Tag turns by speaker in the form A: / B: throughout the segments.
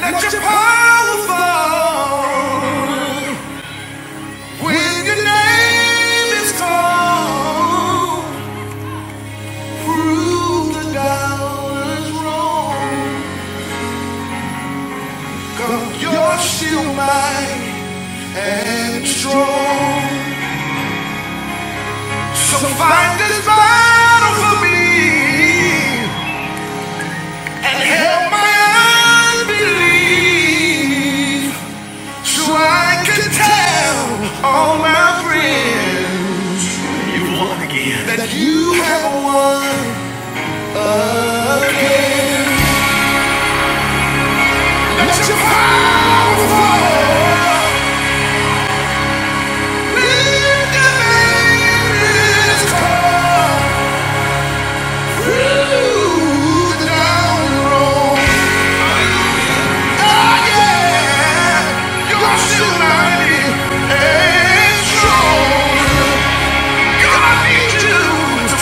A: That you're powerful. When your name is called, prove the doubters wrong. 'Cause you're still mighty and strong. So fight this battle for me and help my unbelief, so I can tell all my friends that you have won.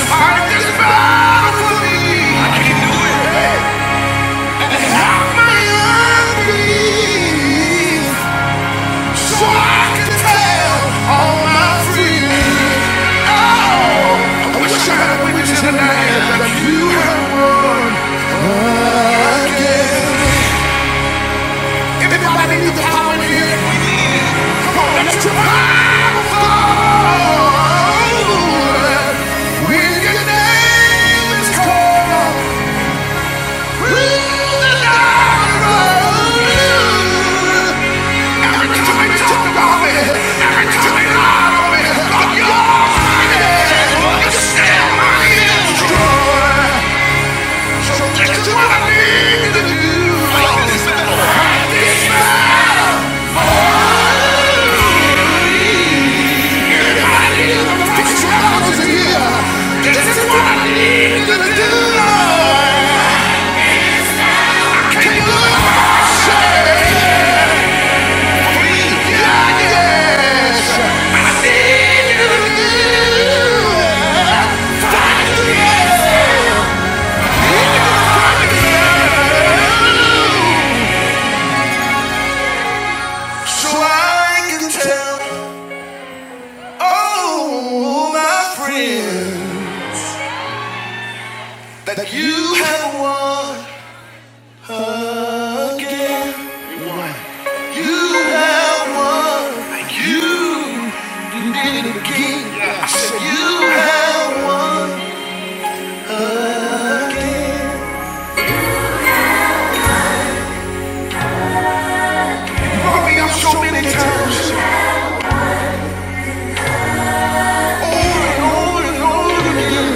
A: Fight this battle for me. Not my unbelief. So I can tell all my friends. Oh, I wish I had witness in the hand that you have won again. Everybody needs the power in here. Come on, let's revive the Lord. When your name is called, we will not run. This is what I need to do. I can't look myself. So I can tell all my friends that you have won again. You have won, you did it again. I said you have won. You brought me up so many times, over and over and over again.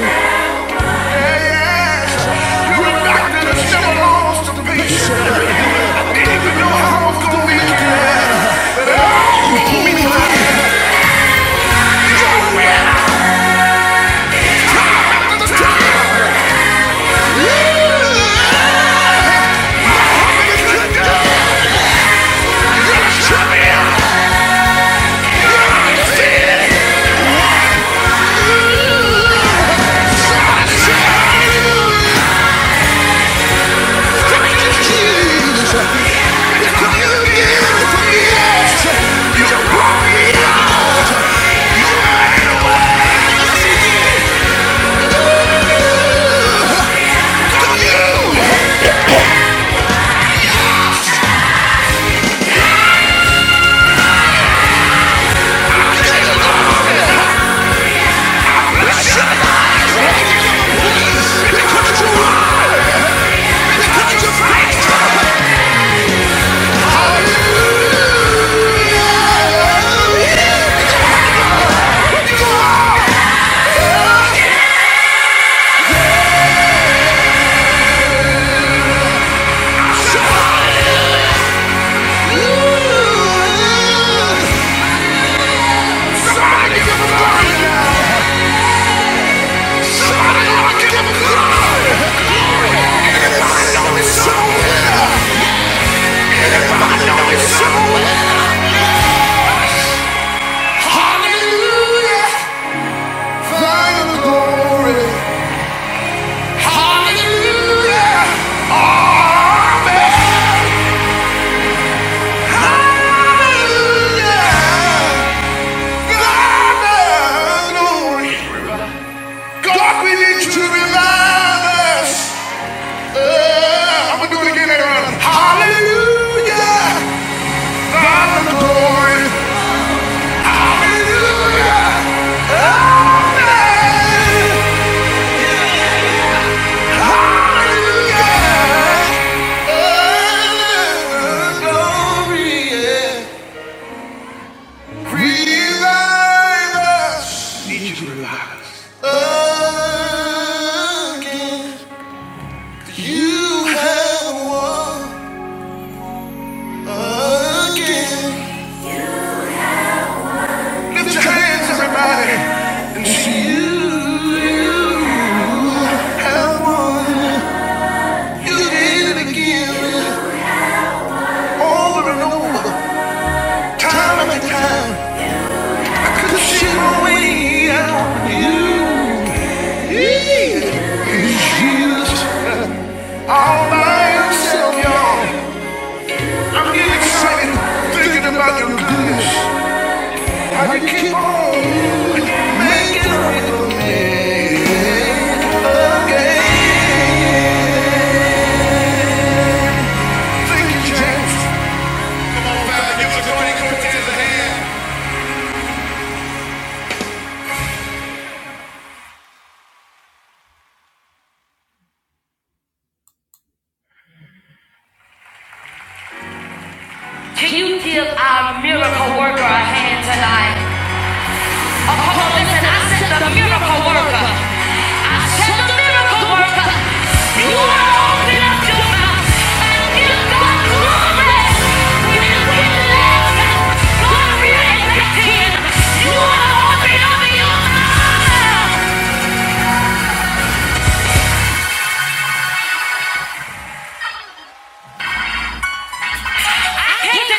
A: Hallelujah, thine the glory. Hallelujah. Amen. Hallelujah. Hallelujah. God, we need you to revive us. Uh, I'm going to do it again later on. Hallelujah. glory. Hallelujah. Amen. Hallelujah. Uh, glory, yeah. Revive us. need you to revive us Again. You have won again. Lift your hands, everybody. And see you you have won. You did it again. Over and over. Time and time. I couldn't see my way out. You. You. you. All by yourself, y'all. I'm getting excited thinking about your goodness. How you keep on making a way for me again. Thank you, James. Come on, Val, give us a great a hand. Can you give our miracle worker a hand tonight? Oh, come on, listen, I said the miracle worker. I said the miracle worker. You are opening up your mouth and give God glory. When we left, God reacted. You are opening up your mouth. If you need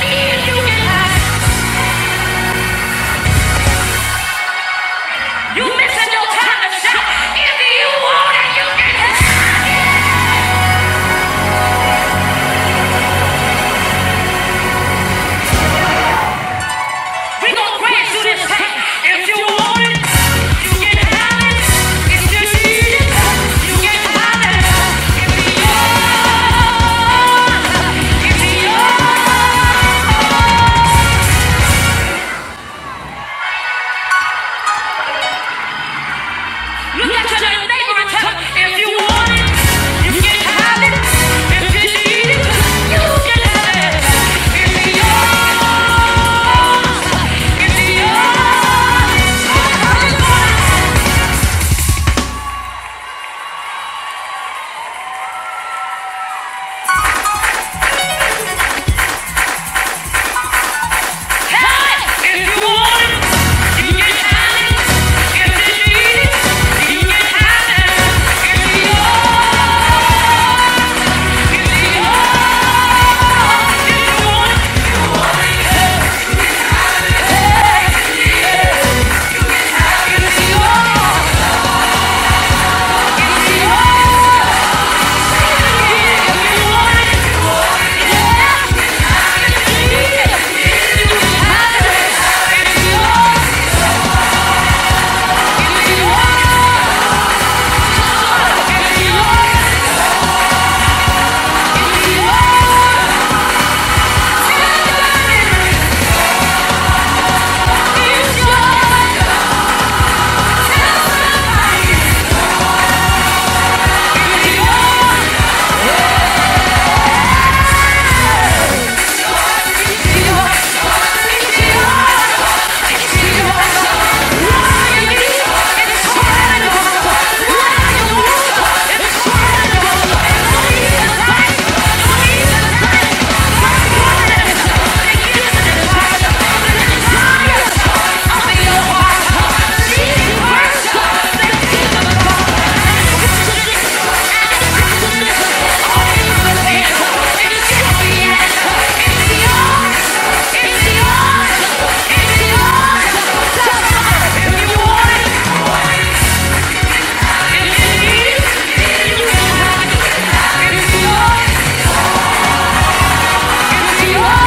A: it, you can have it. You missing your time to shine. If you want it, you can have it. We gon' grab through this thing. If you want it, you can have it. If you need it, you can have it. If it's yours, it's yours. Look at your neighbor and tell 'em, if you want it, you can have it. If you need it, you can have it. If it's yours, it's yours. It's incredible! It's yours.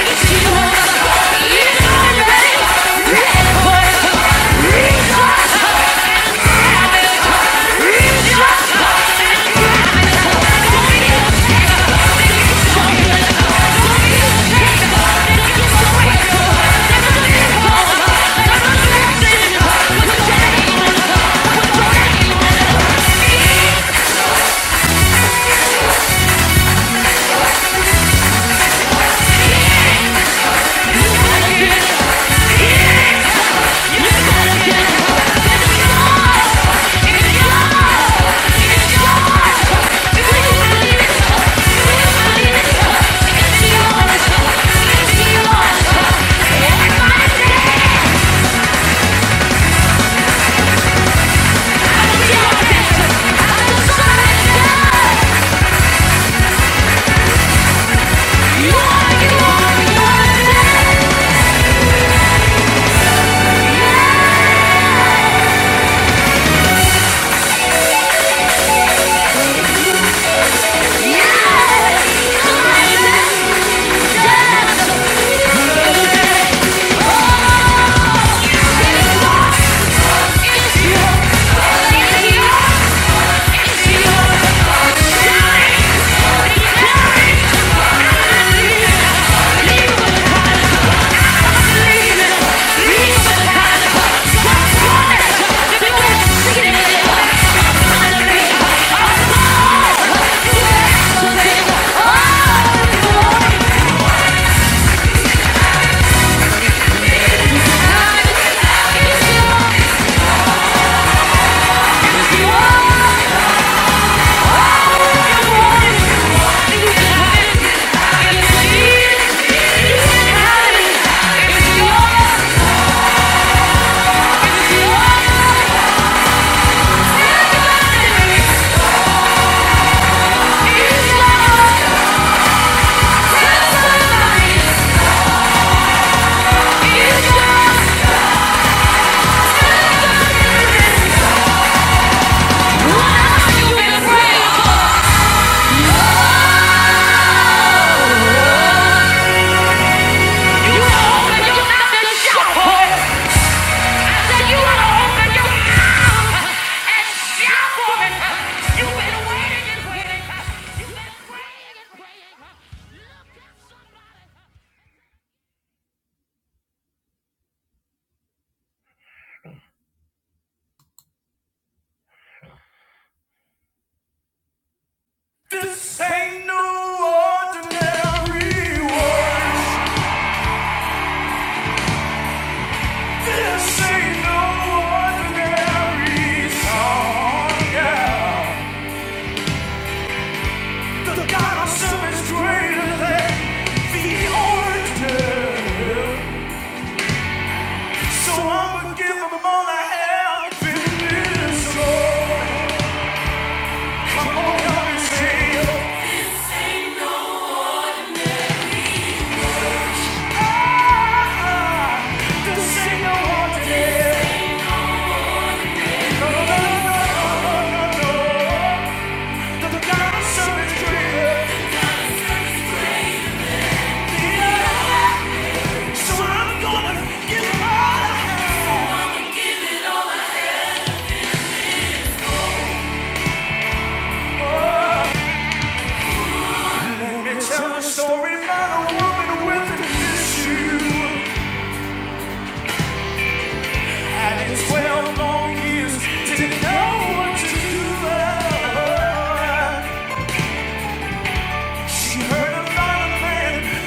A: It's mine. Yeah. This ain't no ordinary words. This ain't no ordinary song. Yeah. The God of some is greater than the ordinary. So I'ma give all I have in this Lord. Come on, help me say, ah, this ain't no ordinary.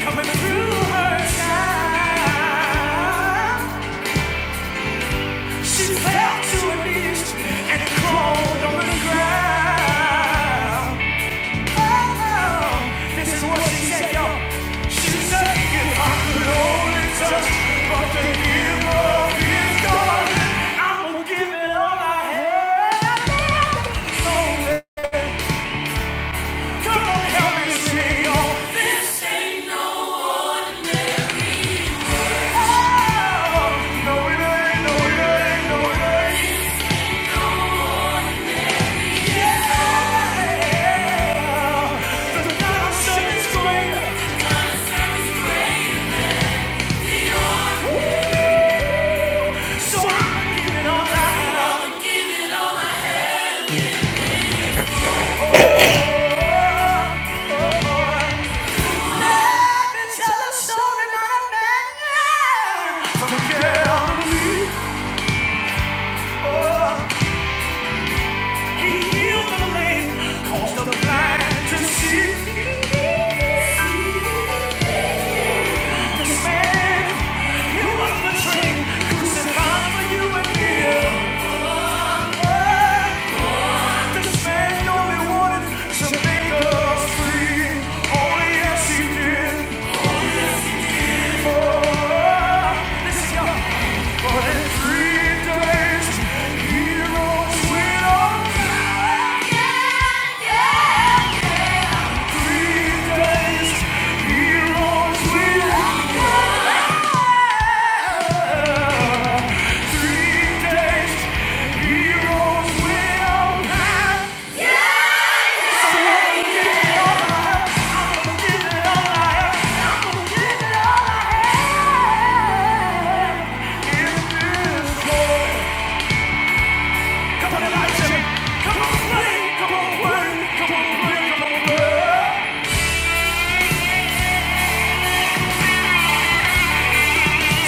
A: Coming through her time She fell to her knees and crawled on the ground. Oh, this is what she said, you She said, if I could only touch but the hem of his garment, I will give it all I have. So come on, help me sing, you Oh, no, it ain't, no, it ain't, no, it ain't. Yeah. The gospel is greater. So I'm giving all night. I've been telling story my man. From a girl who he the lame, caused the blind to see. This man, he was betrayed, crucified for you and me. This man only wanted to make us free. Only yes he did. For this is your But three days, he rose with Yeah, yeah. Come on, Elijah! Come on, play! Come on, play! Come on, play! Come on, play!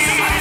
A: Yeah.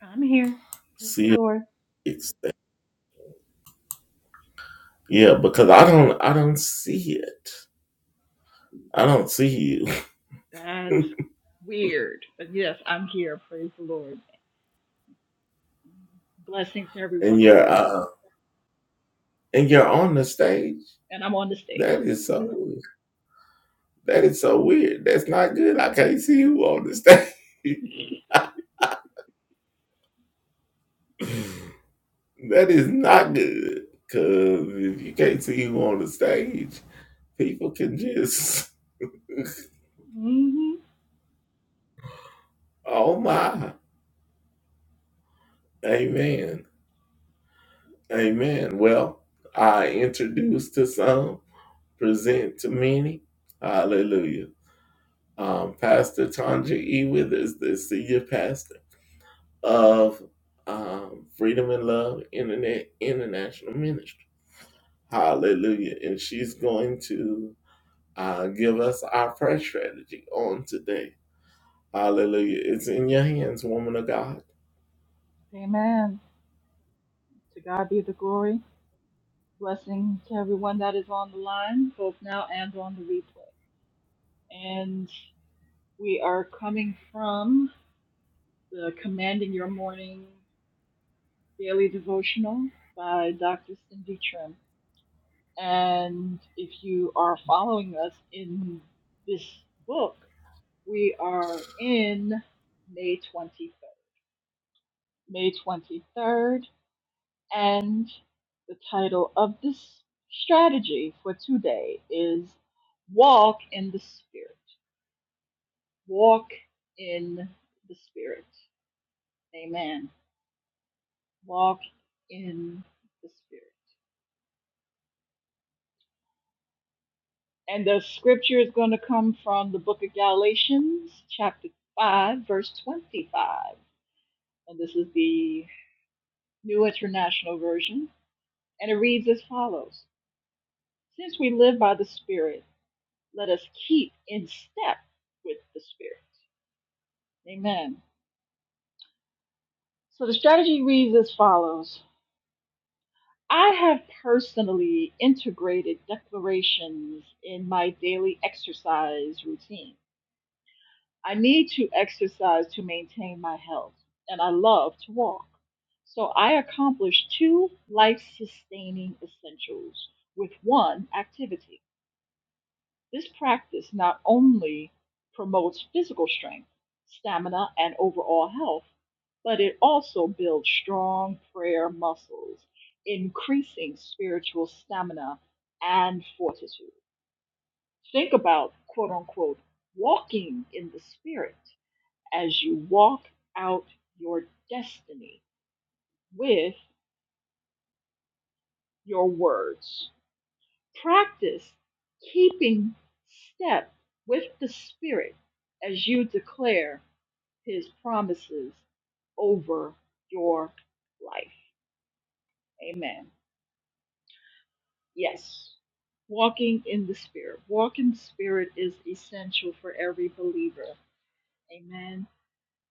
B: I'm here. Praise the Lord. That's weird. But yes, I'm here. Praise the Lord. Blessings to everyone on the line. And I'm on the stage. hmm Amen. To God be the glory. Blessing to everyone that is on the line, both now and on the replay. And we are coming from the Commanding Your Morning Daily Devotional by Dr. Cindy Trim. And if you are following us in this book, We are in May 23rd. May 23rd, and the title of this strategy for today is Walk in the Spirit. Walk in the Spirit. Amen. Walk in the Spirit. And the scripture is going to come from the book of Galatians, chapter 5, verse 25. And this is the New International Version. And it reads as follows Since we live by the Spirit, let us keep in step with the Spirit. Amen. So the strategy reads as follows I have personally integrated declarations in my daily exercise routine. I need to exercise to maintain my health, and I love to walk. So I accomplish two life sustaining essentials with one activity. This practice not only promotes physical strength, stamina, and overall health, but it also builds strong prayer muscles, increasing spiritual stamina and fortitude. Think about quote unquote walking in the spirit as you walk out your destiny with your words. Practice keeping step with the spirit as you declare his promises over your life. Amen. Yes. Walking in the Spirit. Walk in the Spirit is essential for every believer. Amen.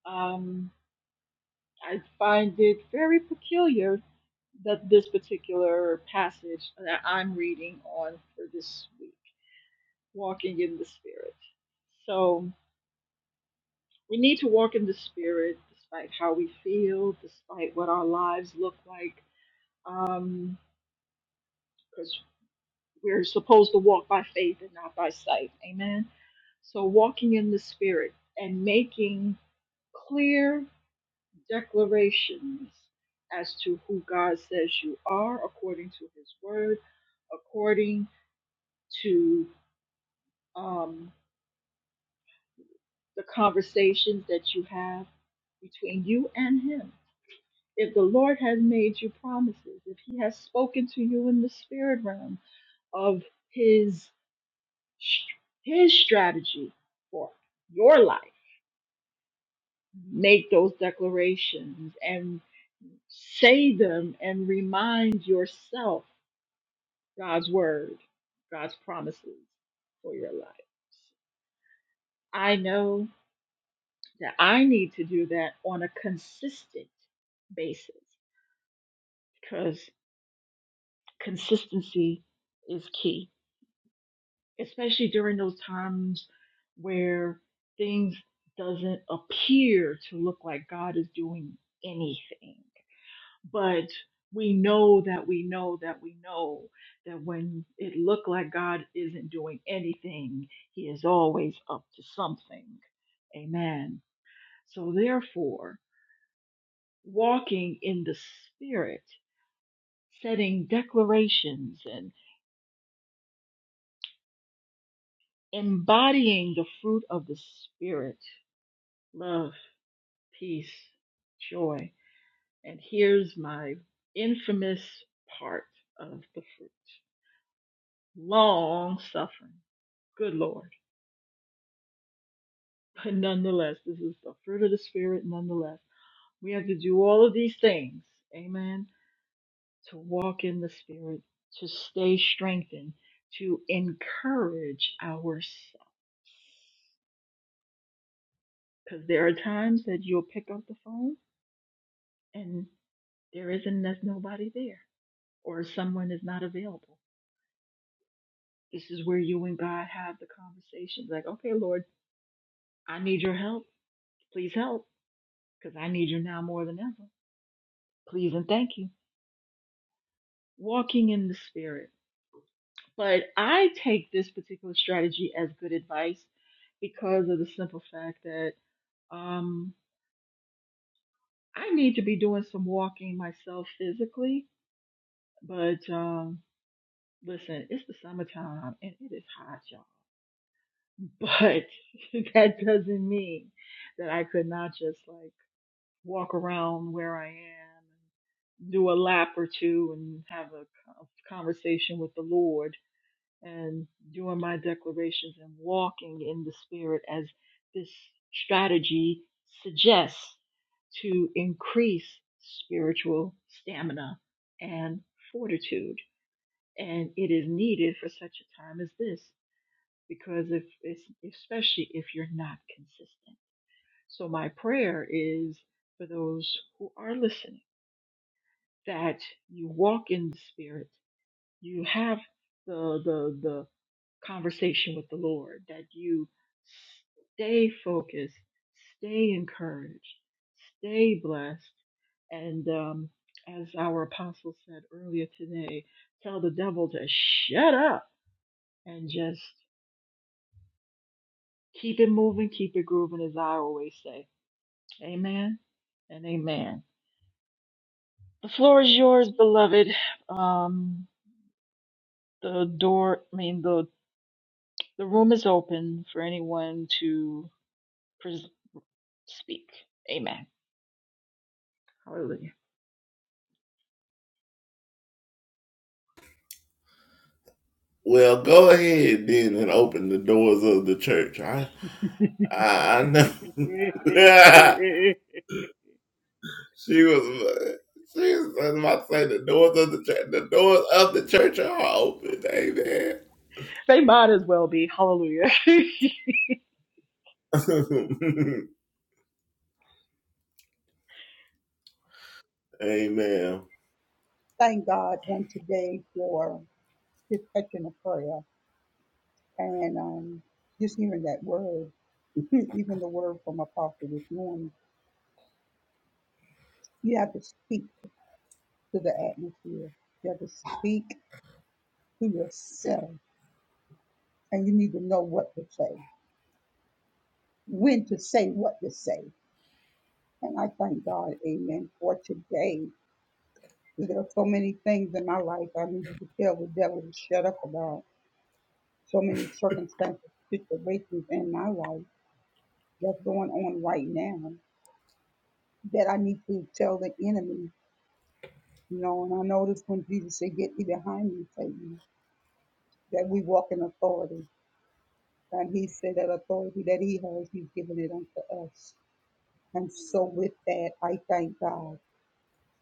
B: Um, I find it very peculiar that this particular passage that I'm reading on for this week, walking in the Spirit. So we need to walk in the Spirit despite how we feel, despite what our lives look like. um, Because We're supposed to walk by faith and not by sight. Amen. So walking in the Spirit and making clear declarations as to who God says you are according to His Word, according to um, the conversations that you have between you and Him. If the Lord has made you promises, if He has spoken to you in the spirit realm of His His strategy for your life make those declarations and say them and remind yourself God's word, God's promises for your life. I know that I need to do that on a consistent basis because consistency is key, especially during those times where things doesn't appear to look like God is doing anything but we know that we know that we know that when it looked like God isn't doing anything, He is always up to something. Amen. So, therefore, walking in the Spirit, setting declarations and embodying the fruit of the Spirit love, peace, joy. And here's my infamous part of the fruit long suffering. Good Lord But nonetheless, this is the fruit of the Spirit. Nonetheless, we have to do all of these things, amen, to walk in the Spirit, to stay strengthened, to encourage ourselves. Because there are times that you'll pick up the phone and there isn't there's nobody there, or someone is not available. This is where you and God have the conversations. like, okay, Lord, I need your help. Please help, because I need you now more than ever. Please and thank you. Walking in the Spirit But I take this particular strategy as good advice because of the simple fact that um, I need to be doing some walking myself physically. But um, listen, it's the summertime and it is hot, y'all. But that doesn't mean that I could not just like walk around where I am, do a lap or two, and have a co- conversation with the Lord and doing my declarations and walking in the spirit as this strategy suggests to increase spiritual stamina and fortitude and it is needed for such a time as this because if it's- especially if you're not consistent so my prayer is for those who are listening that you walk in the spirit you have the the the conversation with the Lord, that you stay focused, stay encouraged, stay blessed. And um, as our apostle said earlier today, tell the devil to shut up and just keep it moving, keep it grooving, as I always say. Amen and amen. The floor is yours, beloved. Um, the door, I mean, the, the room is open for anyone to pres- speak. Amen. Hallelujah. they might as well be. Hallelujah.
C: thank God on today for his touching of prayer and um, just hearing that word, even the word from Apostle this morning. You have to speak to the atmosphere. You have to speak to yourself, and you need to know what to say, when to say what to say. And I thank God, Amen, for today. There are so many things in my life I needed to tell the devil to shut up about. So many circumstances, situations in my life that's going on right now that I need to tell the enemy, you know, and I noticed when Jesus said, Get thee behind me, Satan, that we walk in authority. And he said that authority that he has, he's given it unto us. And so with that, I thank God.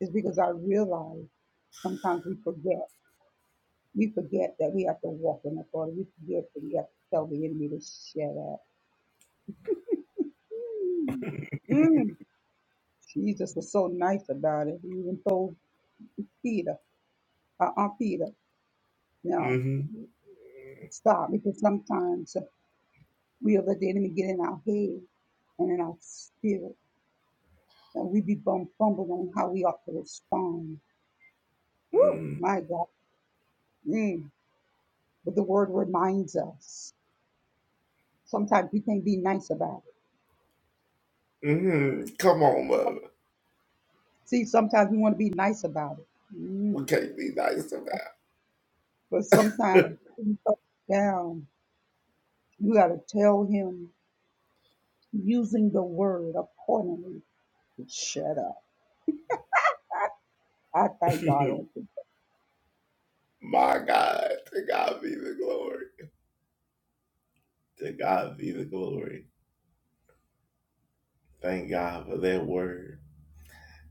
C: It's because I realize sometimes we forget. We forget that we have to walk in authority. We forget that we have to tell the enemy to shut up. Mm, Jesus was so nice about it. He even told Peter, uh, Aunt Peter, no. Stop because sometimes we let the enemy get in our head and in our spirit, and we be bum- fumbled on how we ought to respond. Woo, my God. Mm. But the word reminds us. Sometimes we can't be nice about it. See, sometimes we want to be nice about it. Mm. But sometimes when you come down, you got to tell him using the word accordingly to shut up. I thank God. on today.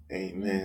B: amen.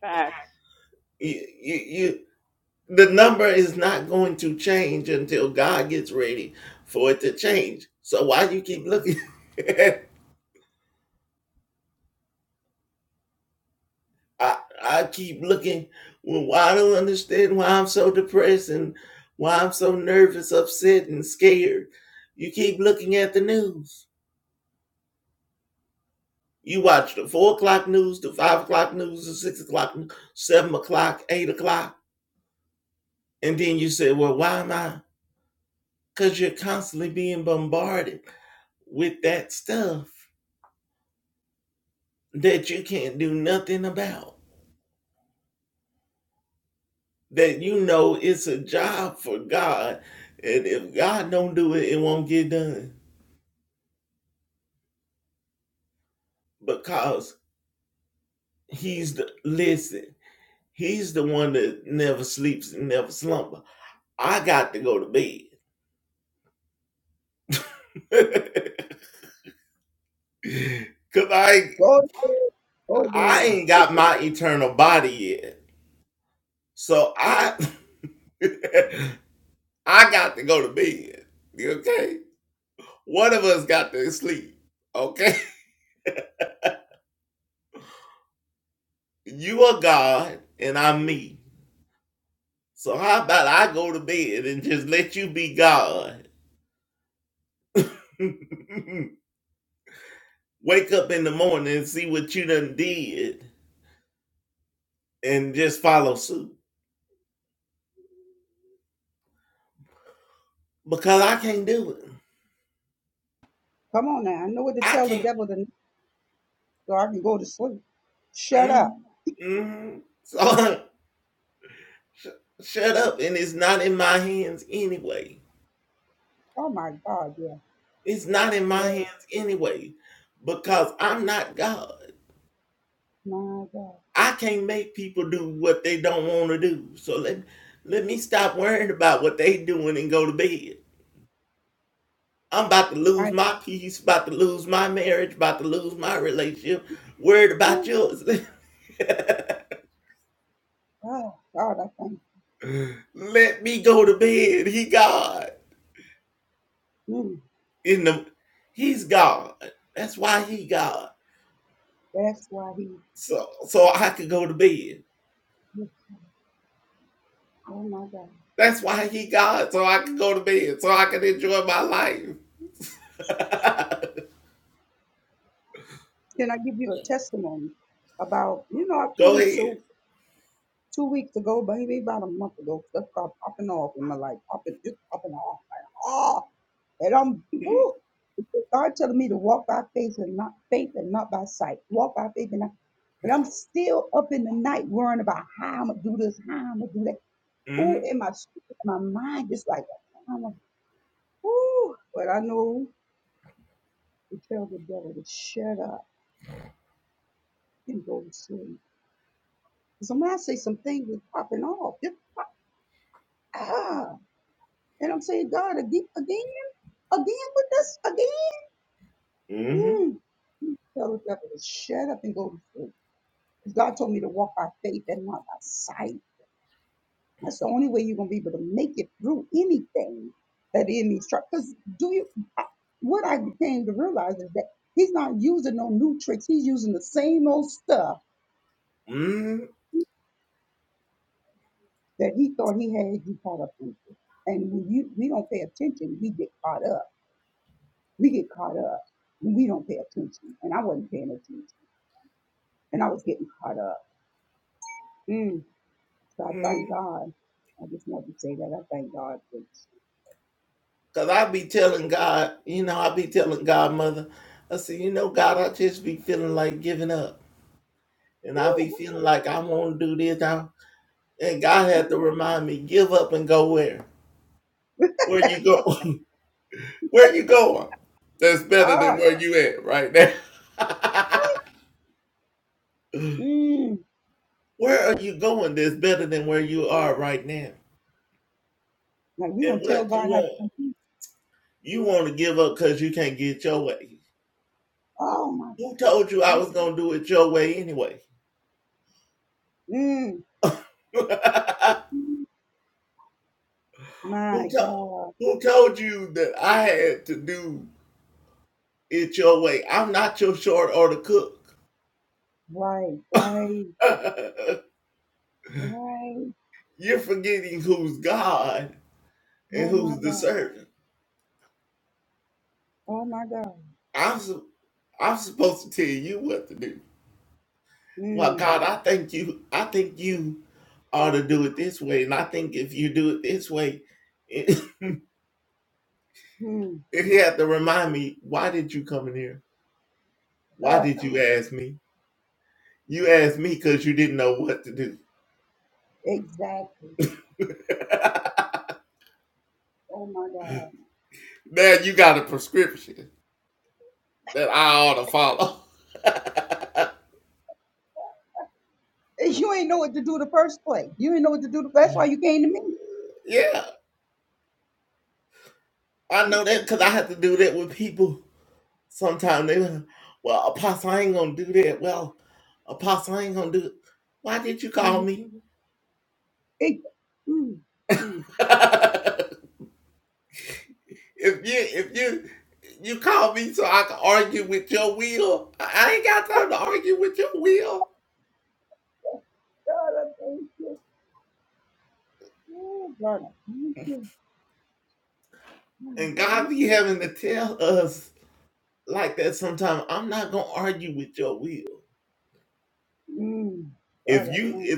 B: Facts.
C: Go there. Go there. Come on now. I know what to tell the devil to, so I can go to sleep. Shut up. Oh my God, yeah. Yeah, my God. I oh my God, God, I thank you. Mm. That's why he oh my God. Can I give you a testimony about you know I'm two weeks old? two weeks ago, baby, about a month ago. Stuff got popping off in my life, popping just popping off. Like, oh, and I'm whew. God telling me to walk by faith and not faith and not by sight. Walk by faith and not. But I'm still up in the night worrying about how I'm gonna do this, how I'm gonna do that. Ooh, in my spirit, my mind just like I'm like, ooh. But I know to tell the devil to shut up and go to sleep. So when I say some things is popping off, just pop, ah. And I'm saying, God, again, again, again with this, again. Mm. Tell the devil to shut up and go to sleep. 'Cause God told me to walk by faith and not by sight. That's the only way you're gonna be able to make it through anything that the enemy's trying. Because do you? What I came to realize is that he's not using no new tricks. He's using the same old stuff that he thought he had you caught up into. And when you we don't pay attention, we get caught up. We get caught up. and We don't pay attention, and I wasn't paying attention. and I was getting caught up. Mm. So I thank God. I just want to say that I thank God for. Woo, come on. Ah, mm. Like we gonna tell God how to. Oh my God. Mm. mm, My God. Right, right, right. Oh my God. Oh my God. Mm. Mm. Uh, exactly. Oh my God. And You ain't know what to do the first place. You ain't know what to do. The, that's why you came to me. Mm-hmm. Mm-hmm. Mm-hmm. God, I thank you. Oh, God, I thank you. God, I thank you. Mm. God, I thank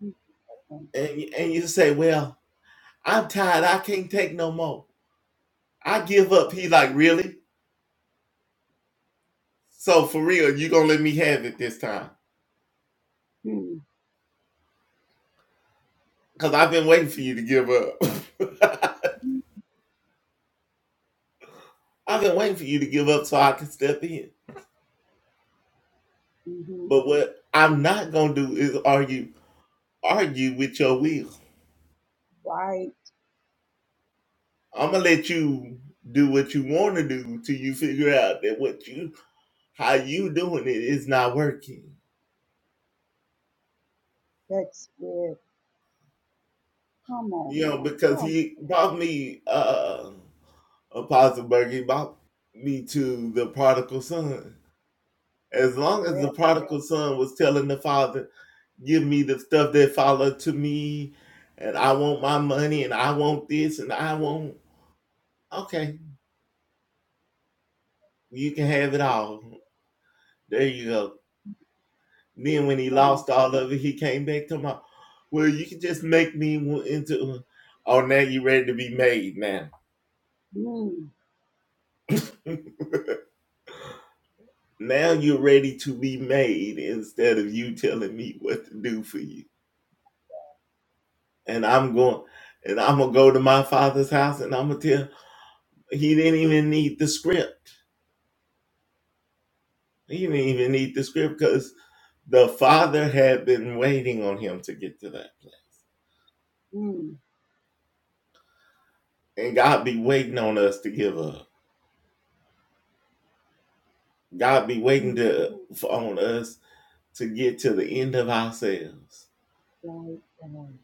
C: you. I Thank you. God, I thank you. Mm-hmm. Right. That's good. Come on, man. Come. Yeah, come on. Mm. Mm. Mm. Right. Come on.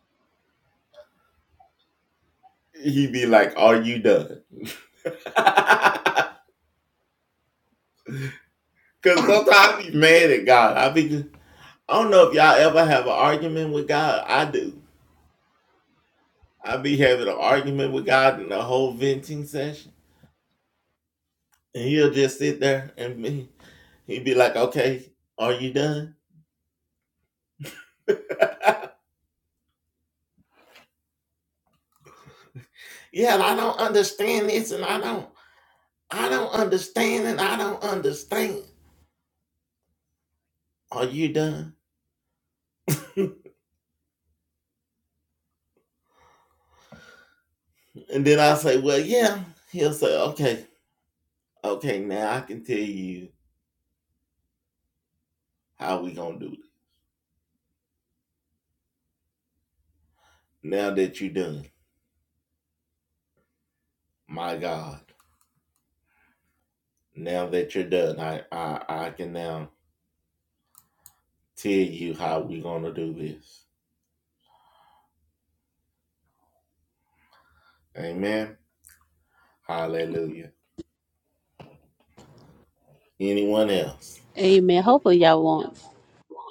D: Amen. Hopefully y'all won't.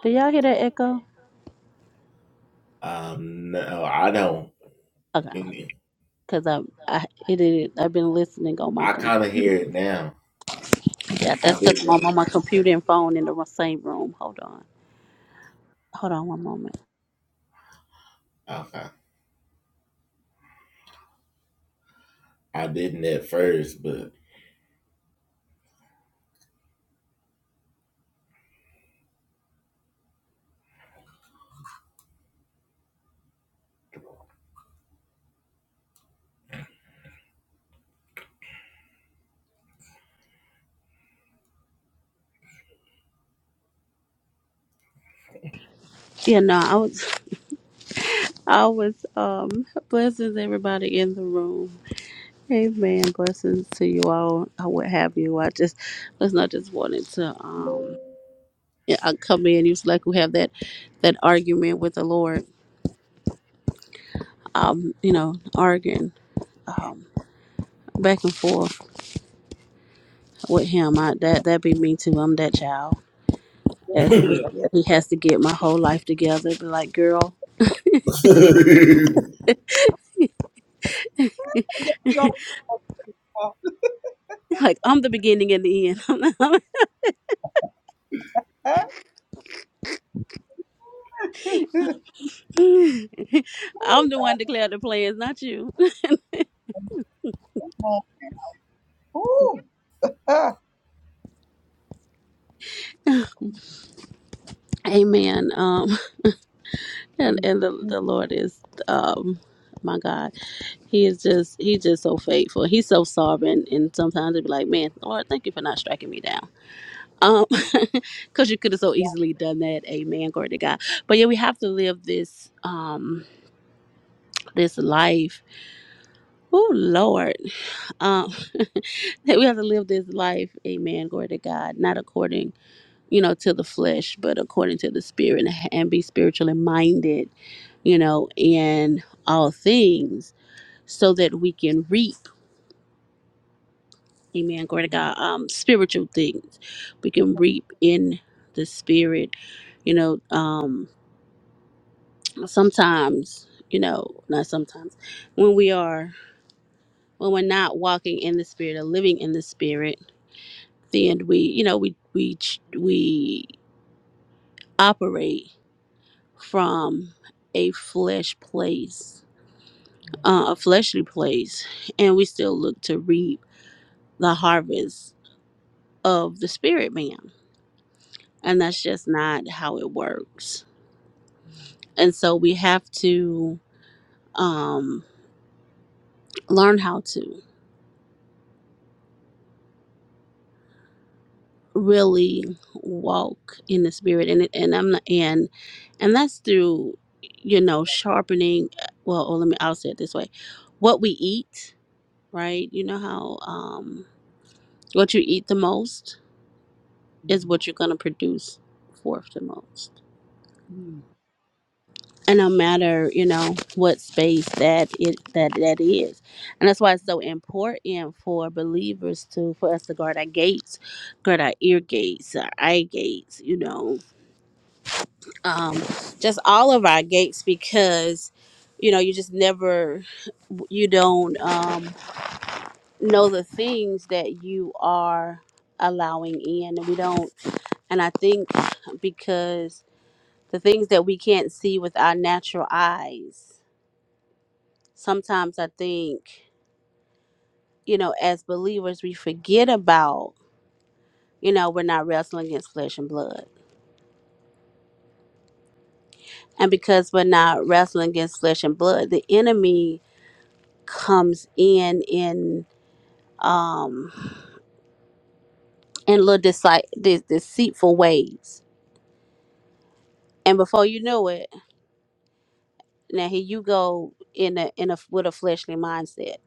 D: Do y'all hear that echo? Okay, because I I it, is- I've been listening on my com. Yeah, that's because I'm on my computer and phone in the same room. Hold on, hold on one moment. Yeah, no, I was I was um blessings everybody in the room. Amen. Blessings to you all. I would have you. I just was not just wanted to um yeah I come in. You was like we have that that argument with the Lord. Um, you know, arguing um back and forth with him. I, that that be me too. I'm that child
C: Yeah,
D: as well.
C: yeah.
D: He has to get my whole life together. Be like, girl,
C: Just be all-
D: like I'm the beginning and the end. I'm
C: Huh?
D: the
C: Ooh,
D: I'm the
C: God,
D: one declare the plans, not you.
C: come on, man.
D: Amen. Um, and
C: Mm,
D: and the
C: mm,
D: the Lord is um. My God, He is just He's just so faithful. He's so sovereign, and sometimes it'd be like, "Man, Lord, thank you for not striking me down," um, because you could have so easily done that. Amen. Glory to God. But yeah, we have to live this. Um, this life. Oh Lord, um, that we have to live this life, Amen. Glory to God, not according, you know, to the flesh, but according to the Spirit, and be spiritually minded, you know, in all things, so that we can reap, Amen. Glory to God, um, spiritual things, we can reap in the Spirit, you know. Um, sometimes, you know, not sometimes, when we are. when we're not walking in the spirit or living in the spirit then we you know we we we operate from a flesh place uh, a fleshly place and we still look to reap the harvest of the spirit man and that's just not how it works and so we have to um learn how to really walk in the spirit and it- and I'm not and and that's through you know sharpening uh, well oh, let me I'll say it this way what we eat right you know how um what you eat the most is
C: mm,
D: what you're going to produce forth the most
C: mm.
D: and no matter you know what space that it that that is and that's why it's so important for believers to for us to guard our gates guard our ear gates our eye gates you know um, just all of our gates because you know you just never you don't um, know the things that you are allowing in and we don't and i think because the things that we can't see with our natural eyes sometimes i think you know as believers we forget about you know we're not wrestling against flesh and blood and because we're not wrestling against flesh and blood the enemy comes in in um, in little deci- de- deceitful ways. And before you know it, now here you go in a in a with a fleshly mindset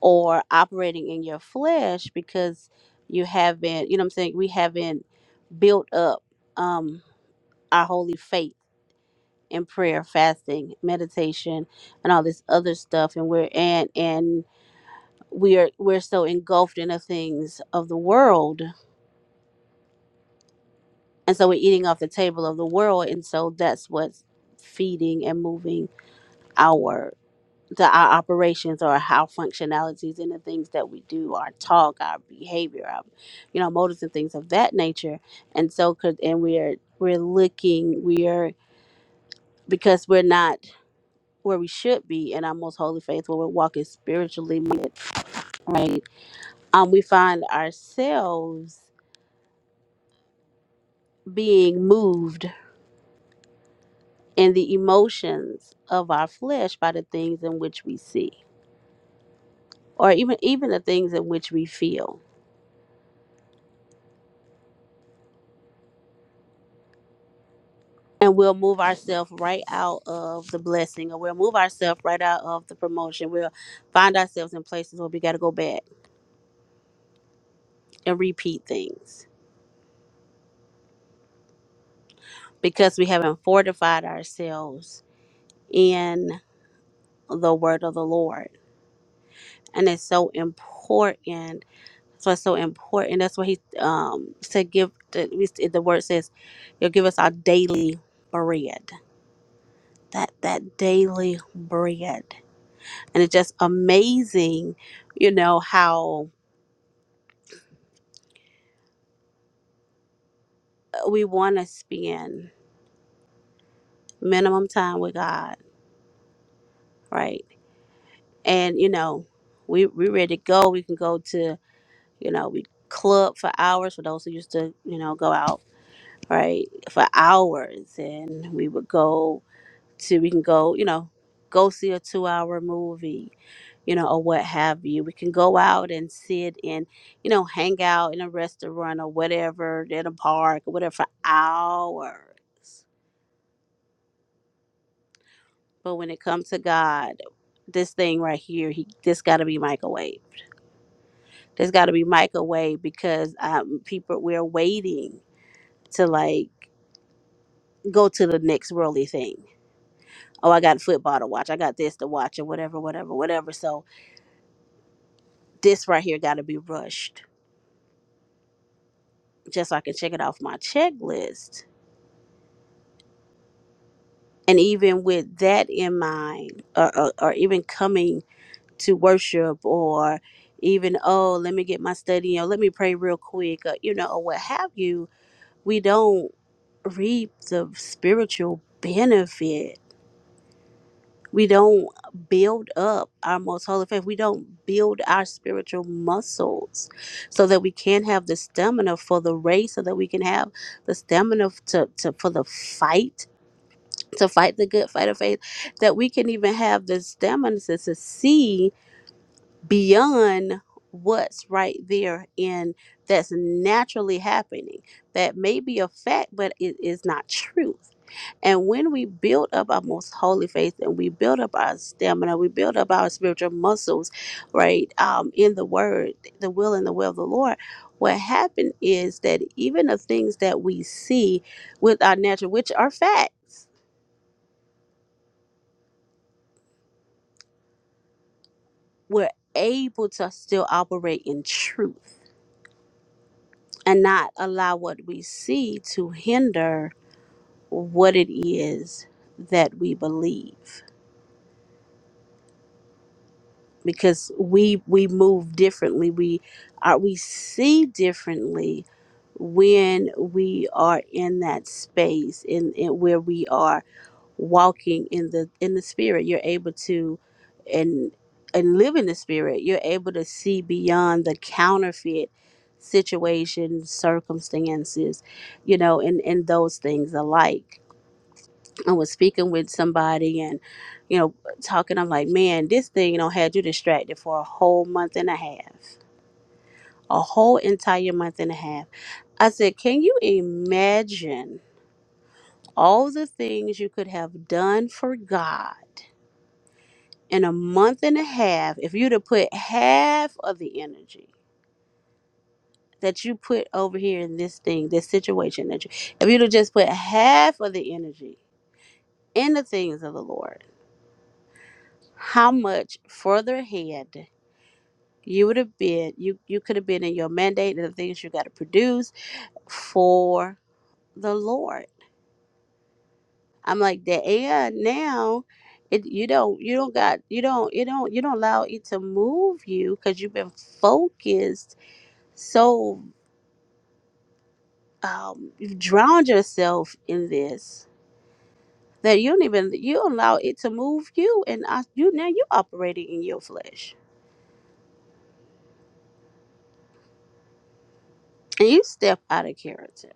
D: or operating in your flesh because you haven't, you know what I'm saying, we haven't built up um our holy faith in prayer, fasting, meditation, and all this other stuff and we're and and we're we're so engulfed in the things of the world and so we're eating off the table of the world and so that's what's feeding and moving our the our operations or our functionalities and the things that we do our talk our behavior our you know motives and things of that nature and so could and we're we're looking we are because we're not where we should be in our most holy faith where we're walking spiritually right um we find ourselves being moved and the emotions of our flesh by the things in which we see or even even the things in which we feel and we'll move ourselves right out of the blessing or we'll move ourselves right out of the promotion we'll find ourselves in places where we got to go back and repeat things because we haven't fortified ourselves in the word of the lord and it's so important So it's so important. That's why he um said give the, the word says you'll give us our daily bread. That that daily bread. And it's just amazing, you know, how we wanna spend minimum time with God, right? And you know, we we ready to go. We can go to, you know, we club for hours for those who used to, you know, go out, right? For hours and we would go to we can go you know go see a two hour movie you know or what have you we can go out and sit and you know hang out in a restaurant or whatever in a park or whatever for hours but when it comes to god this thing right here he this got to be microwave there's got to be microwave because um, people we're waiting to like go to the next worldly thing oh i got football to watch i got this to watch or whatever whatever whatever so this right here got to be rushed just so I can check it off my checklist. And even with that in mind, or, or, or even coming to worship, or even, oh, let me get my study, or let me pray real quick, or, you know, or what have you, we don't reap the spiritual benefit. We don't build up our most holy faith. We don't build our spiritual muscles so that we can have the stamina for the race, so that we can have the stamina to, to for the fight to fight the good fight of faith, that we can even have the stamina to, to see beyond what's right there and that's naturally happening. That may be a fact, but it is not truth. And when we build up our most holy faith and we build up our stamina, we build up our spiritual muscles, right, um, in the word, the will and the will of the Lord, what happened is that even the things that we see with our natural, which are facts, we're able to still operate in truth and not allow what we see to hinder what it is that we believe because we we move differently we are we see differently when we are in that space in, in where we are walking in the in the spirit you're able to and and live in the spirit you're able to see beyond the counterfeit situations circumstances you know and and those things alike i was speaking with somebody and you know talking i'm like man this thing you know had you distracted for a whole month and a half a whole entire month and a half i said can you imagine all the things you could have done for god in a month and a half, if you'd have put half of the energy that you put over here in this thing, this situation that you, if you'd have just put half of the energy in the things of the Lord, how much further ahead you would have been, you, you could have been in your mandate and the things you got to produce for the Lord. I'm like that. Yeah, now it, you don't, you don't got, you don't, you don't, you don't allow it to move you because you've been focused so. um, you've drowned yourself in this that you don't even you allow it to move you and I, you now you operating in your flesh and you step out of character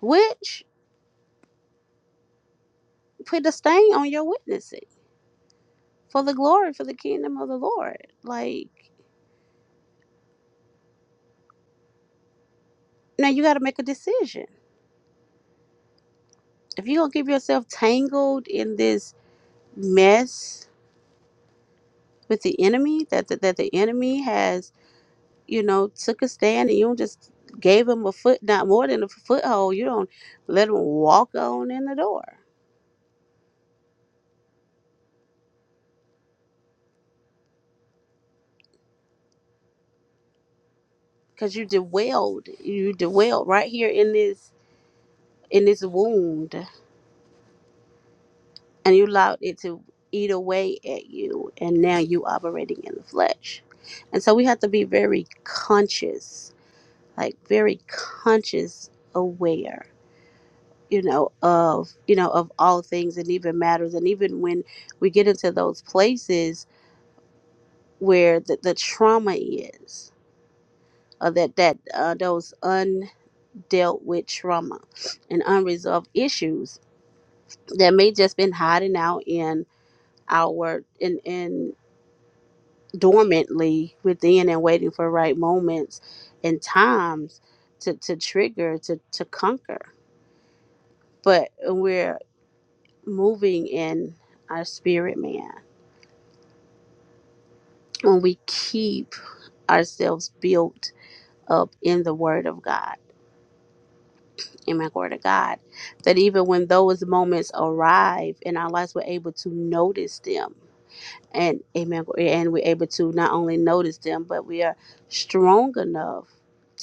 D: which put a stain on your witnessing for the glory for the kingdom of the lord like now you got to make a decision if you gonna keep yourself tangled in this mess with the enemy that the, that the enemy has you know, took a stand and you just gave him a foot, not more than a foothold. You don't let him walk on in the door because you dwelled, you dwelled right here in this in this wound, and you allowed it to eat away at you, and now you operating in the flesh. And so we have to be very conscious, like very conscious, aware, you know, of you know of all things and even matters, and even when we get into those places where the, the trauma is or that that uh, those undealt with trauma and unresolved issues that may just been hiding out in our in in dormantly within and waiting for right moments and times to to trigger to to conquer but we're moving in our spirit man when we keep ourselves built up in the word of god Amen. Glory to God. That even when those moments arrive in our lives, we're able to notice them. And amen. And we're able to not only notice them, but we are strong enough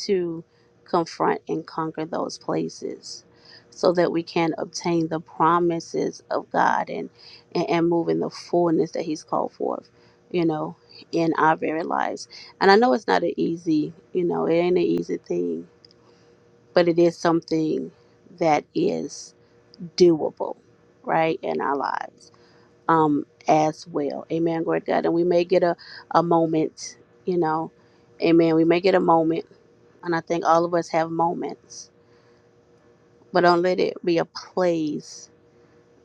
D: to confront and conquer those places so that we can obtain the promises of God and, and, and move in the fullness that He's called forth, you know, in our very lives. And I know it's not an easy, you know, it ain't an easy thing but it is something that is doable, right, in our lives um, as well. Amen. Glory to God. And we may get a, a moment, you know, amen. We may get a moment, and I think all of us have moments, but don't let it be a place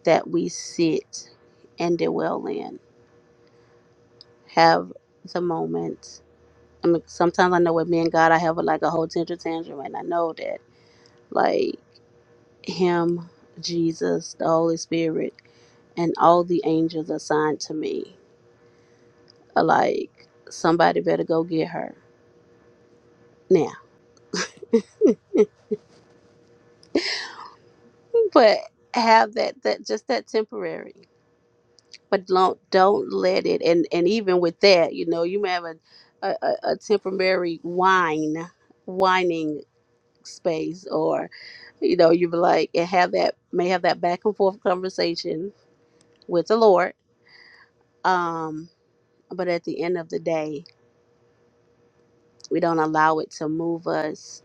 D: that we sit and dwell in. Have the moment. I mean, sometimes I know with me and God, I have a, like a whole tantrum, tantrum, and I know that, like. Him, Jesus, the Holy Spirit, and all the angels assigned to me. Like somebody better go get her now. But have that that just that temporary. But don't don't let it and and even with that, you know, you may have a a, a a temporary whine whining space or you know you be like and have that may have that back and forth conversation with the Lord. Um, but at the end of the day. We don't allow it to move us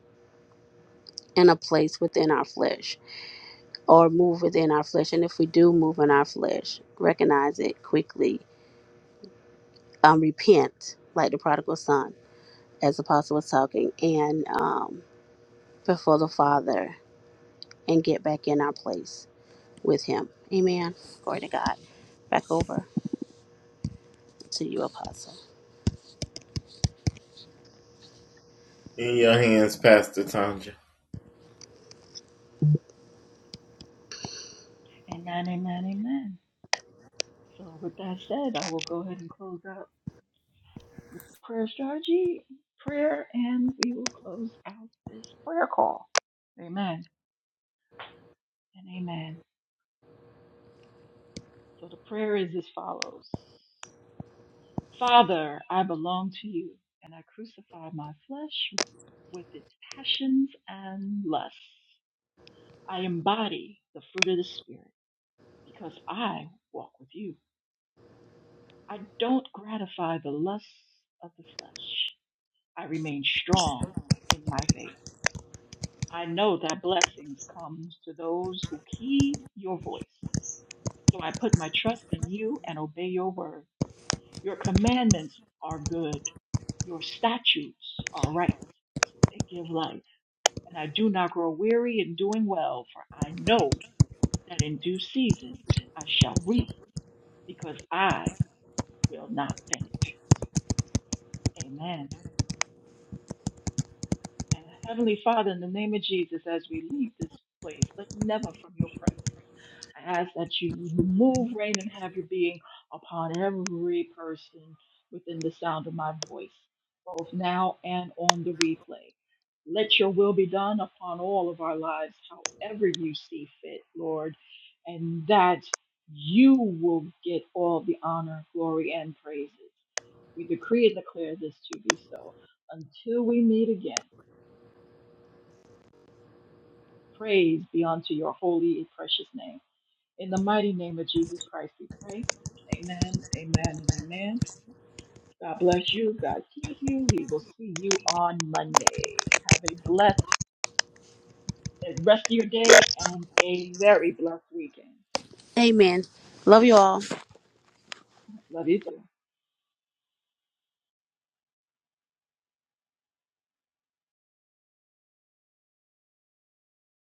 D: in a place within our flesh or move within our flesh. And if we do move in our flesh, recognize it quickly, um, repent like the prodigal son, as the apostle was talking, and um, before the Father and get back in our place with Him. Amen. Glory to God. Back over to you, apostle.
B: Amen, amen, amen. So, with that said, I will go ahead and close out the prayer strategy, prayer, and we will close out this prayer call. Amen and amen. So, the prayer is as follows Father, I belong to you, and I crucify my flesh with its passions and lusts. I embody the fruit of the Spirit because I walk with you. I don't gratify the lusts of the flesh. I remain strong in my faith. I know that blessings come to those who heed your voice. So I put my trust in you and obey your word. Your commandments are good. Your statutes are right. They give life. And I do not grow weary in doing well, for I know that in due season I shall reap because I will not faint. Amen. And Heavenly Father, in the name of Jesus, as we leave this place, but never from your presence, I ask that you move, reign, and have your being upon every person within the sound of my voice, both now and on the replay. Let your will be done upon all of our lives, however you see fit, Lord, and that you will get all the honor, glory, and praises. We decree and declare this to be so. Until we meet again, praise be unto your holy and precious name. In the mighty name of Jesus Christ, we pray. Amen, amen, and amen. God bless you. God keep you. We will see you on Monday. Have a blessed rest of your day and a very blessed weekend.
D: Amen. Love you all.
B: Love you too.